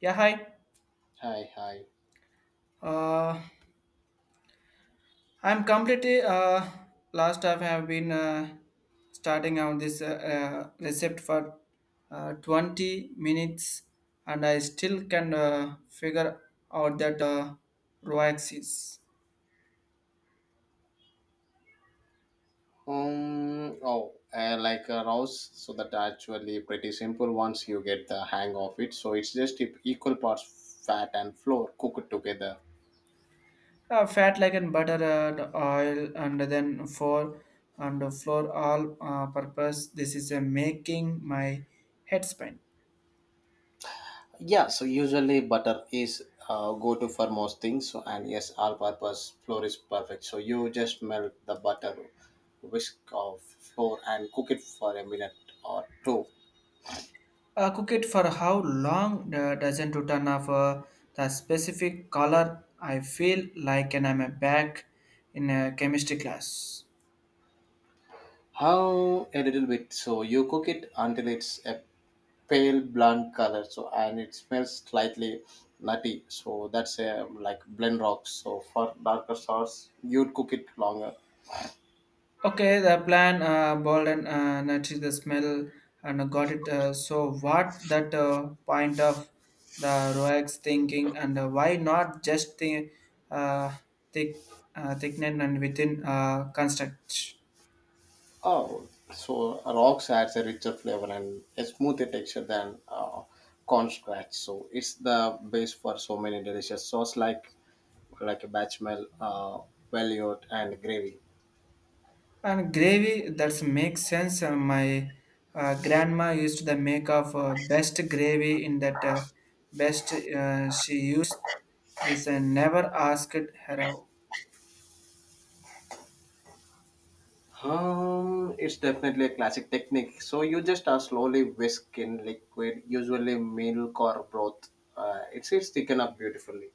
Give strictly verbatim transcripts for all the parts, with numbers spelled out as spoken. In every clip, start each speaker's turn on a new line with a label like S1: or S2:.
S1: Yeah, hi.
S2: Hi, hi.
S1: Uh, I'm completely uh, last time I have been uh, starting out this uh, uh, recipe for uh, twenty minutes and I still can uh, figure out that uh, raw axis.
S2: Um, oh, uh, like a rouse, so that actually pretty simple once you get the hang of it. So it's just e- equal parts fat and flour cooked together.
S1: Uh, fat like and butter and oil and then for and flour all uh, purpose this is uh, making my head spin.
S2: Yeah, so usually butter is uh, go-to for most things. So and yes, all-purpose flour is perfect. So you just melt the butter, whisk of flour, and cook it for a minute or two.
S1: Uh, cook it for how long uh, doesn't to turn off uh, the specific color. I feel like and I'm a back in a chemistry class.
S2: How a little bit. So you cook it until it's a pale blonde color. So and it smells slightly nutty. So that's a like blend rocks. So for darker sauce, you'd cook it longer.
S1: Okay, the plan uh, Bolden uh, nutty the smell and got it. Uh, so what that uh, point of the Roex thinking and uh, why not just the uh, thick uh, thickening and within uh, construct.
S2: Oh, so rocks adds a richer flavor and a smoother texture than uh, corn scratch. So it's the base for so many delicious sauce like like a bechamel, uh, velouté, and gravy.
S1: And gravy, that makes sense. Uh, My uh, grandma used to make of uh, best gravy in that uh, best uh, she used this and never asked her.
S2: Um, it's definitely a classic technique. So you just uh, slowly whisk in liquid, usually milk or broth. Uh, it's it's thickened up beautifully.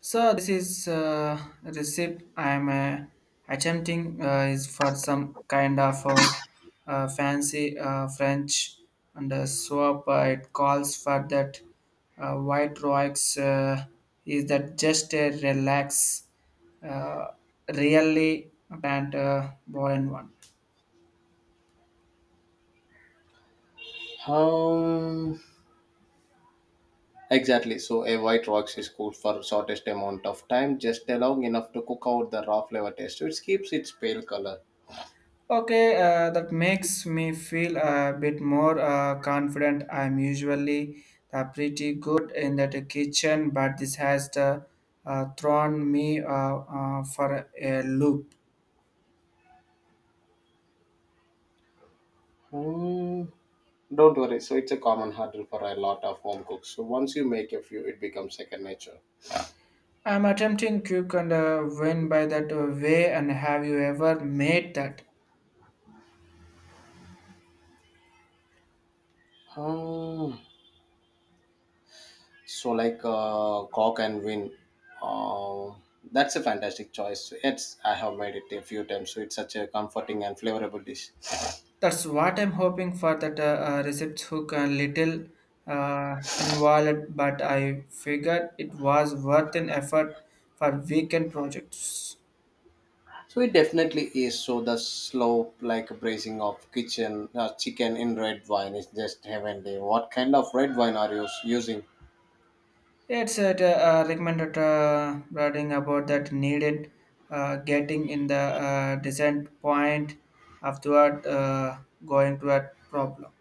S1: So this is uh, a recipe I am uh, attempting uh, is for some kind of uh, uh, fancy uh, French and uh, swap. Uh, it calls for that uh, white rocks. Uh, is that just a relax, uh, really and uh, boring one?
S2: Um, exactly. So a white rocks is cooked for shortest amount of time, just allowing enough to cook out the raw flavor taste. So it keeps its pale color.
S1: Okay, uh, that makes me feel a bit more uh, confident. I'm usually uh, pretty good in that kitchen, but this has uh, uh, thrown me uh, uh, for a loop.
S2: Hmm. Don't worry. So it's a common hurdle for a lot of home cooks. So once you make a few, it becomes second nature.
S1: I'm attempting cook and uh, win by that uh, way. And have you ever made that?
S2: Hmm. So like uh, cock and win, uh, that's a fantastic choice. It's I have made it a few times, so it's such a comforting and flavorable dish.
S1: That's what I'm hoping for. That uh, uh, receipts hook a little uh, involved, but I figured it was worth an effort for weekend projects.
S2: So it definitely is. So the slow like braising of kitchen uh, chicken in red wine is just heavenly. What kind of red wine are you s- using?
S1: Yeah, It's a, uh, recommended uh, writing about that needed uh, getting in the uh, descent point afterward uh, going to a problem.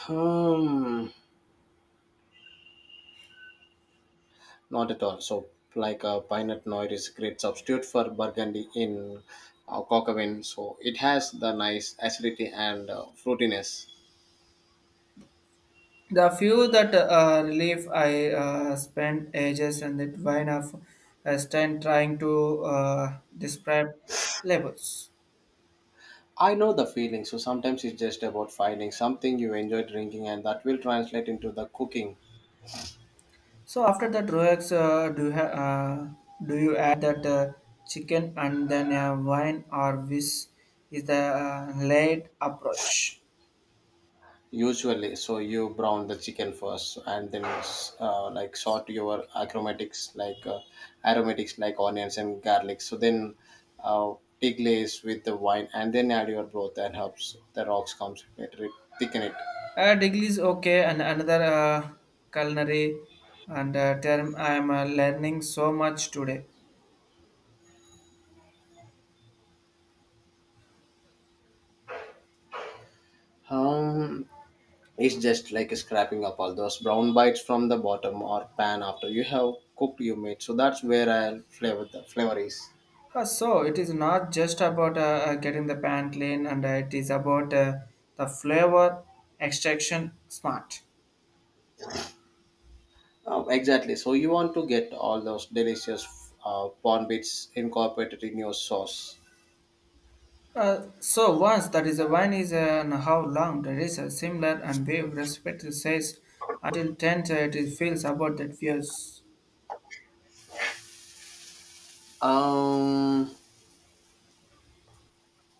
S2: Hmm, not at all. So, like a Pinot Noir is a great substitute for Burgundy in uh, Cockavin. So, it has the nice acidity and uh, fruitiness.
S1: The few that uh, relief I uh, spent ages and that wine of uh, stand trying to uh, describe labels.
S2: I know the feeling, so sometimes it's just about finding something you enjoy drinking and that will translate into the cooking
S1: So after that, Roex, uh, do you ha- uh, do you add that uh, chicken and then uh, wine or whisk is the uh, laid approach?
S2: usually. So you brown the chicken first and then uh, like sort your aromatics like uh, aromatics like onions and garlic. So then uh, take glaze with the wine and then add your broth and herbs. The rocks comes later, it thicken it.
S1: Uh, degree is okay, and another uh, culinary and uh, term I am uh, learning so much today.
S2: Um, It's just like scraping up all those brown bites from the bottom or pan after you have cooked your meat. So that's where I'll flavor the flavor is.
S1: Uh, so it is not just about uh, uh, getting the pan clean, and uh, it is about uh, the flavor extraction smart.
S2: Oh, exactly. So you want to get all those delicious uh, prawn bits incorporated in your sauce.
S1: Uh, so once that is a wine is uh, and how long that is a similar and we respect the says until ten uh, it is feels about that views.
S2: Um,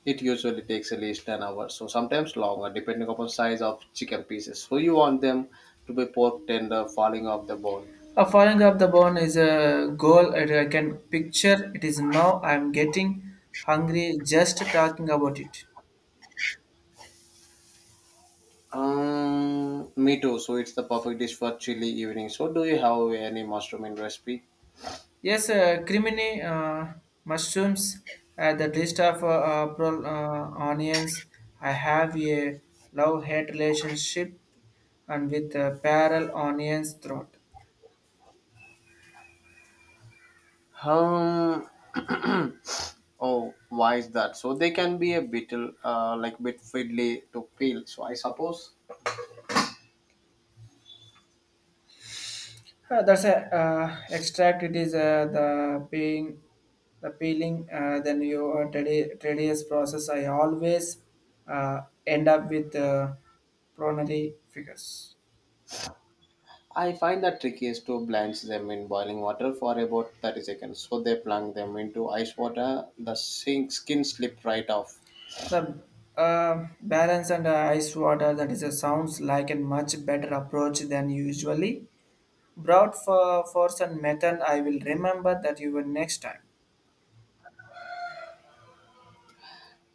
S2: it usually takes at least an hour, so sometimes longer, depending upon size of chicken pieces. So you want them to be pork tender, falling off the bone.
S1: A falling up the bone is a goal that I can picture. It is now I'm getting hungry just talking about it.
S2: Um, me too. So it's the perfect dish for chilly evening. So do you have any mushroom in recipe?
S1: Yes, uh, crimini uh, mushrooms, uh, the list of uh, uh, pro- uh, onions. I have a love-hate relationship and with uh, parallel onions throat.
S2: Um, oh, why is that? So they can be a bit uh, like bit fiddly to peel. So I suppose
S1: Uh, that's a uh, extract. It is uh, the peeling, the peeling. Uh, then you uh, tedi- tedious process. I always uh, end up with uh, pronary figures.
S2: I find that tricky is to blanch them in boiling water for about thirty seconds. So they plunk them into ice water. The sink skin slip right off.
S1: The uh, balance and uh, ice water that is uh, sounds like a much better approach than usually. Brought for force and method. I will remember that you were next time.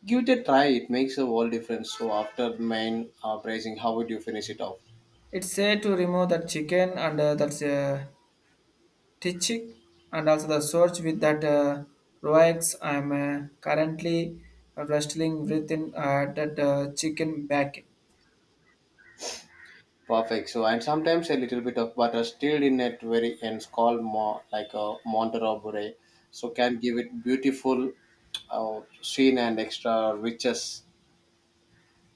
S2: Give it a try. It makes a whole difference. So after main uh, braising, how would you finish it off?
S1: It's said to remove the chicken and uh, that's uh, teaching and also the search with that uh, roex i'm uh, currently wrestling within uh, that uh, chicken back.
S2: Perfect. So, and sometimes a little bit of butter still in at very ends, called more like a Monterobure, so can give it beautiful uh, sheen and extra riches.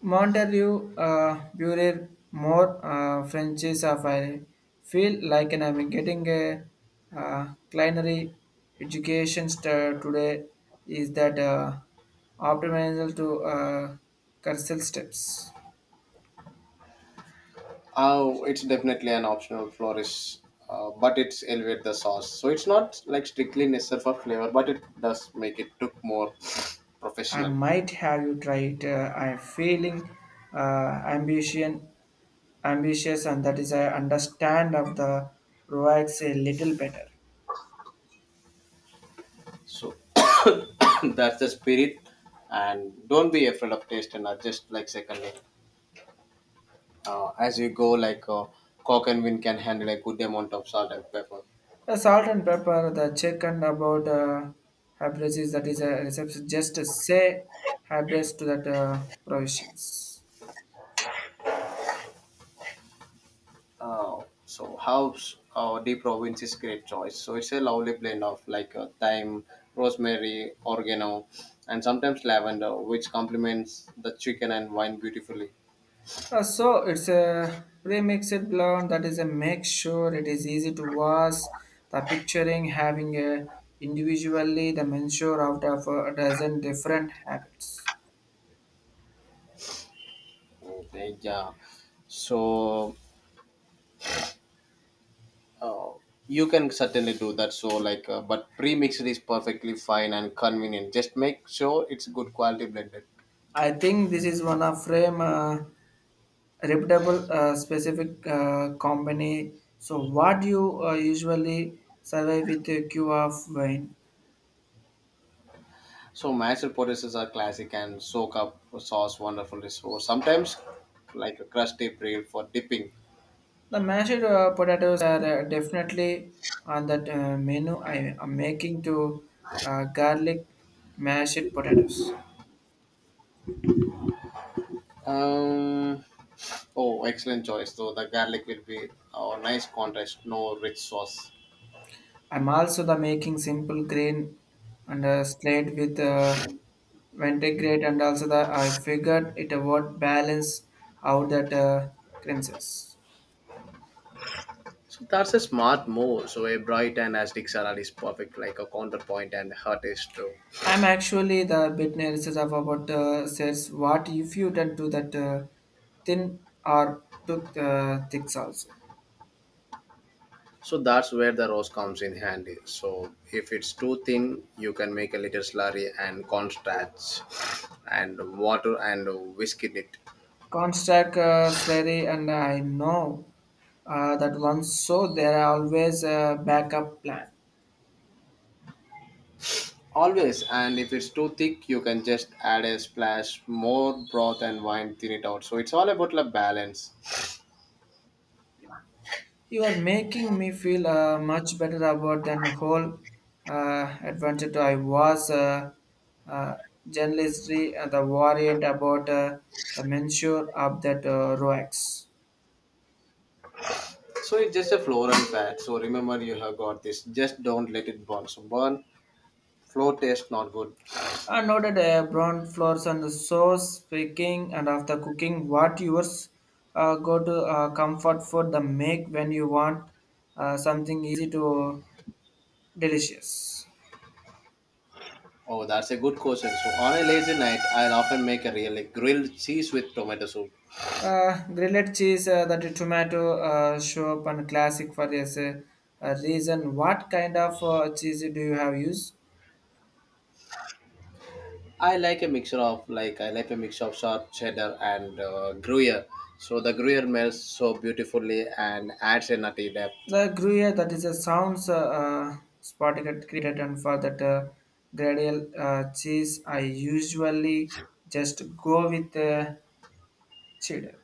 S1: Montelieu uh, Bureau more uh, Frenchies of I feel like and I'm getting a uh, culinary education st- today is that uh, optimal to uh, cursal steps.
S2: Oh, it's definitely an optional flourish, uh, but it's elevate the sauce. So it's not like strictly necessary for flavor, but it does make it look more
S1: I
S2: professional.
S1: might have you tried. Uh, I'm feeling uh, ambition, ambitious, and that is I understand of the Roax a little better.
S2: So that's the spirit, and don't be afraid of taste and adjust like secondly. Uh, as you go, like uh, cock and wind can handle a good amount of salt and pepper.
S1: The salt and pepper, the chicken about uh, hybris is that is a reception. Just say hybris to that uh, provisions.
S2: Uh, so house uh, deep province is great choice. So it's a lovely blend of like uh, thyme, rosemary, oregano, and sometimes lavender, which complements the chicken and wine beautifully.
S1: Uh, so it's a pre-mixed blend that is a make sure it is easy to wash. The picturing having a individually the mensure out of a dozen different habits.
S2: Okay, yeah, so uh, you can certainly do that. So like uh, but pre-mixed is perfectly fine and convenient. Just make sure it's good quality blended.
S1: I think this is one of frame uh, reputable uh, specific uh, company. So what you uh, usually survey with a cue of wine?
S2: So mashed potatoes are classic and soak up sauce wonderfully. So sometimes like a crusty bread for dipping.
S1: The mashed uh, potatoes are uh, definitely on that uh, menu I am making to uh, garlic mashed potatoes.
S2: Um, oh, excellent choice. So the garlic will be a nice contrast, no rich sauce.
S1: I'm also the making simple green and uh, slate with uh, vinaigrette and also the I figured it would balance out that uh, creases.
S2: So that's a smart move. So a bright and acidic salad is perfect, like a counterpoint and heart is true.
S1: I'm actually the bit nervous of about uh, says what if you done to that uh, thin or took uh, thick salsa.
S2: So that's where the rose comes in handy. So if it's too thin, you can make a little slurry and cornstarch and water and whisk it.
S1: Constant uh, slurry, and I know uh, that once so there are always a backup plan.
S2: Always, and if it's too thick, you can just add a splash more broth and wine, thin it out. So it's all about the balance.
S1: You are making me feel uh, much better about than the whole uh, adventure I was. Uh, uh, journalistry uh, the worried about uh, the mensure of that uh, ROX.
S2: So it's just a floral fat. So remember, you have got this. Just don't let it burn. So burn, flow taste not good.
S1: I noted uh, brown floors and the sauce picking and after cooking what yours uh, go to uh, comfort food the make when you want uh, something easy to delicious.
S2: Oh, that's a good question. So on a lazy night, I'll often make a really grilled cheese with tomato soup.
S1: Uh, grilled cheese uh, that tomato uh, show up and classic for this uh, uh, reason. What kind of uh, cheese do you have used?
S2: I like a mixture of like I like a mixture of sharp cheddar and uh, Gruyere. So the Gruyere melts so beautifully and adds a nutty depth.
S1: The Gruyere, that is a sounds uh, uh, Spotify created, and for that uh, gradle uh, cheese, I usually just go with uh, cheddar.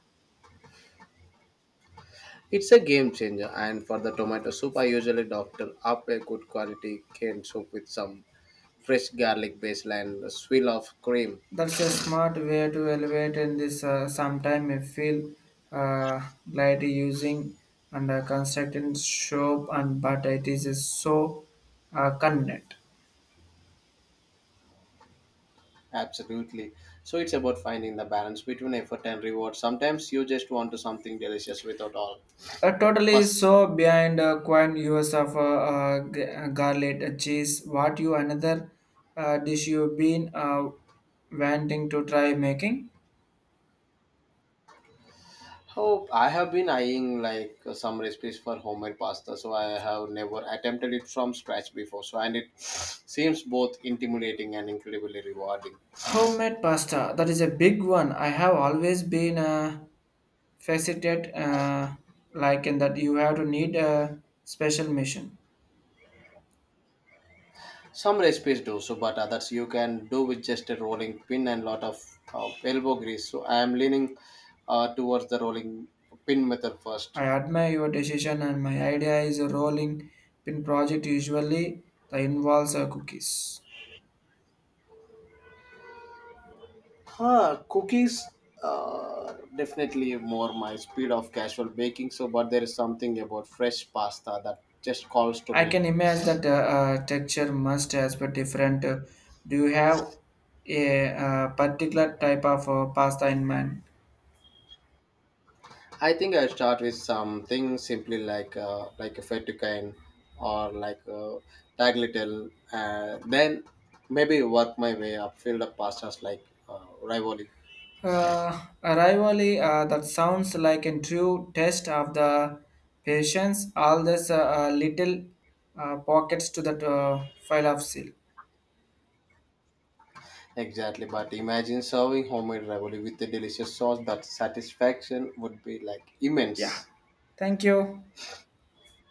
S2: It's a game changer, and for the tomato soup, I usually doctor up a good quality canned soup with some fresh garlic basil and a swill of cream.
S1: That's a smart way to elevate in this. Uh, sometime I feel uh, glad using and uh, constructing soap and but it is so uh, convenient.
S2: Absolutely. So it's about finding the balance between effort and reward. Sometimes you just want to something delicious without all
S1: Uh, totally
S2: fuss.
S1: so behind uh, quite use of uh, uh, g- uh, garlic uh, cheese. What you another uh, dish you been uh, wanting to try making?
S2: Oh, I have been eyeing like some recipes for homemade pasta, so I have never attempted it from scratch before. So and it seems both intimidating and incredibly rewarding.
S1: Homemade pasta. That is a big one. I have always been uh, fascinated uh, like in that you have to need a special mission.
S2: Some recipes do so, but others you can do with just a rolling pin and lot of uh, elbow grease. So I am leaning uh, towards the rolling pin method first.
S1: I admire your decision and my idea is a rolling pin project usually that involves uh, cookies.
S2: Huh, cookies uh, definitely more my speed of casual baking. So, but there is something about fresh pasta that just calls to
S1: I
S2: me.
S1: can imagine that uh, uh, texture must has been different. Uh, do you have a uh, particular type of uh, pasta in mind?
S2: I think I start with something simply like uh, like a fettuccine or like a tagliatelle. Uh, then maybe work my way up, fill up pastas like uh, ravioli.
S1: Uh, arrivally, uh, that sounds like a true test of the patience. All these uh, uh, little uh, pockets to that uh, file of seal.
S2: Exactly, but imagine serving homemade ravioli with a delicious sauce. That satisfaction would be like immense.
S1: Thank you.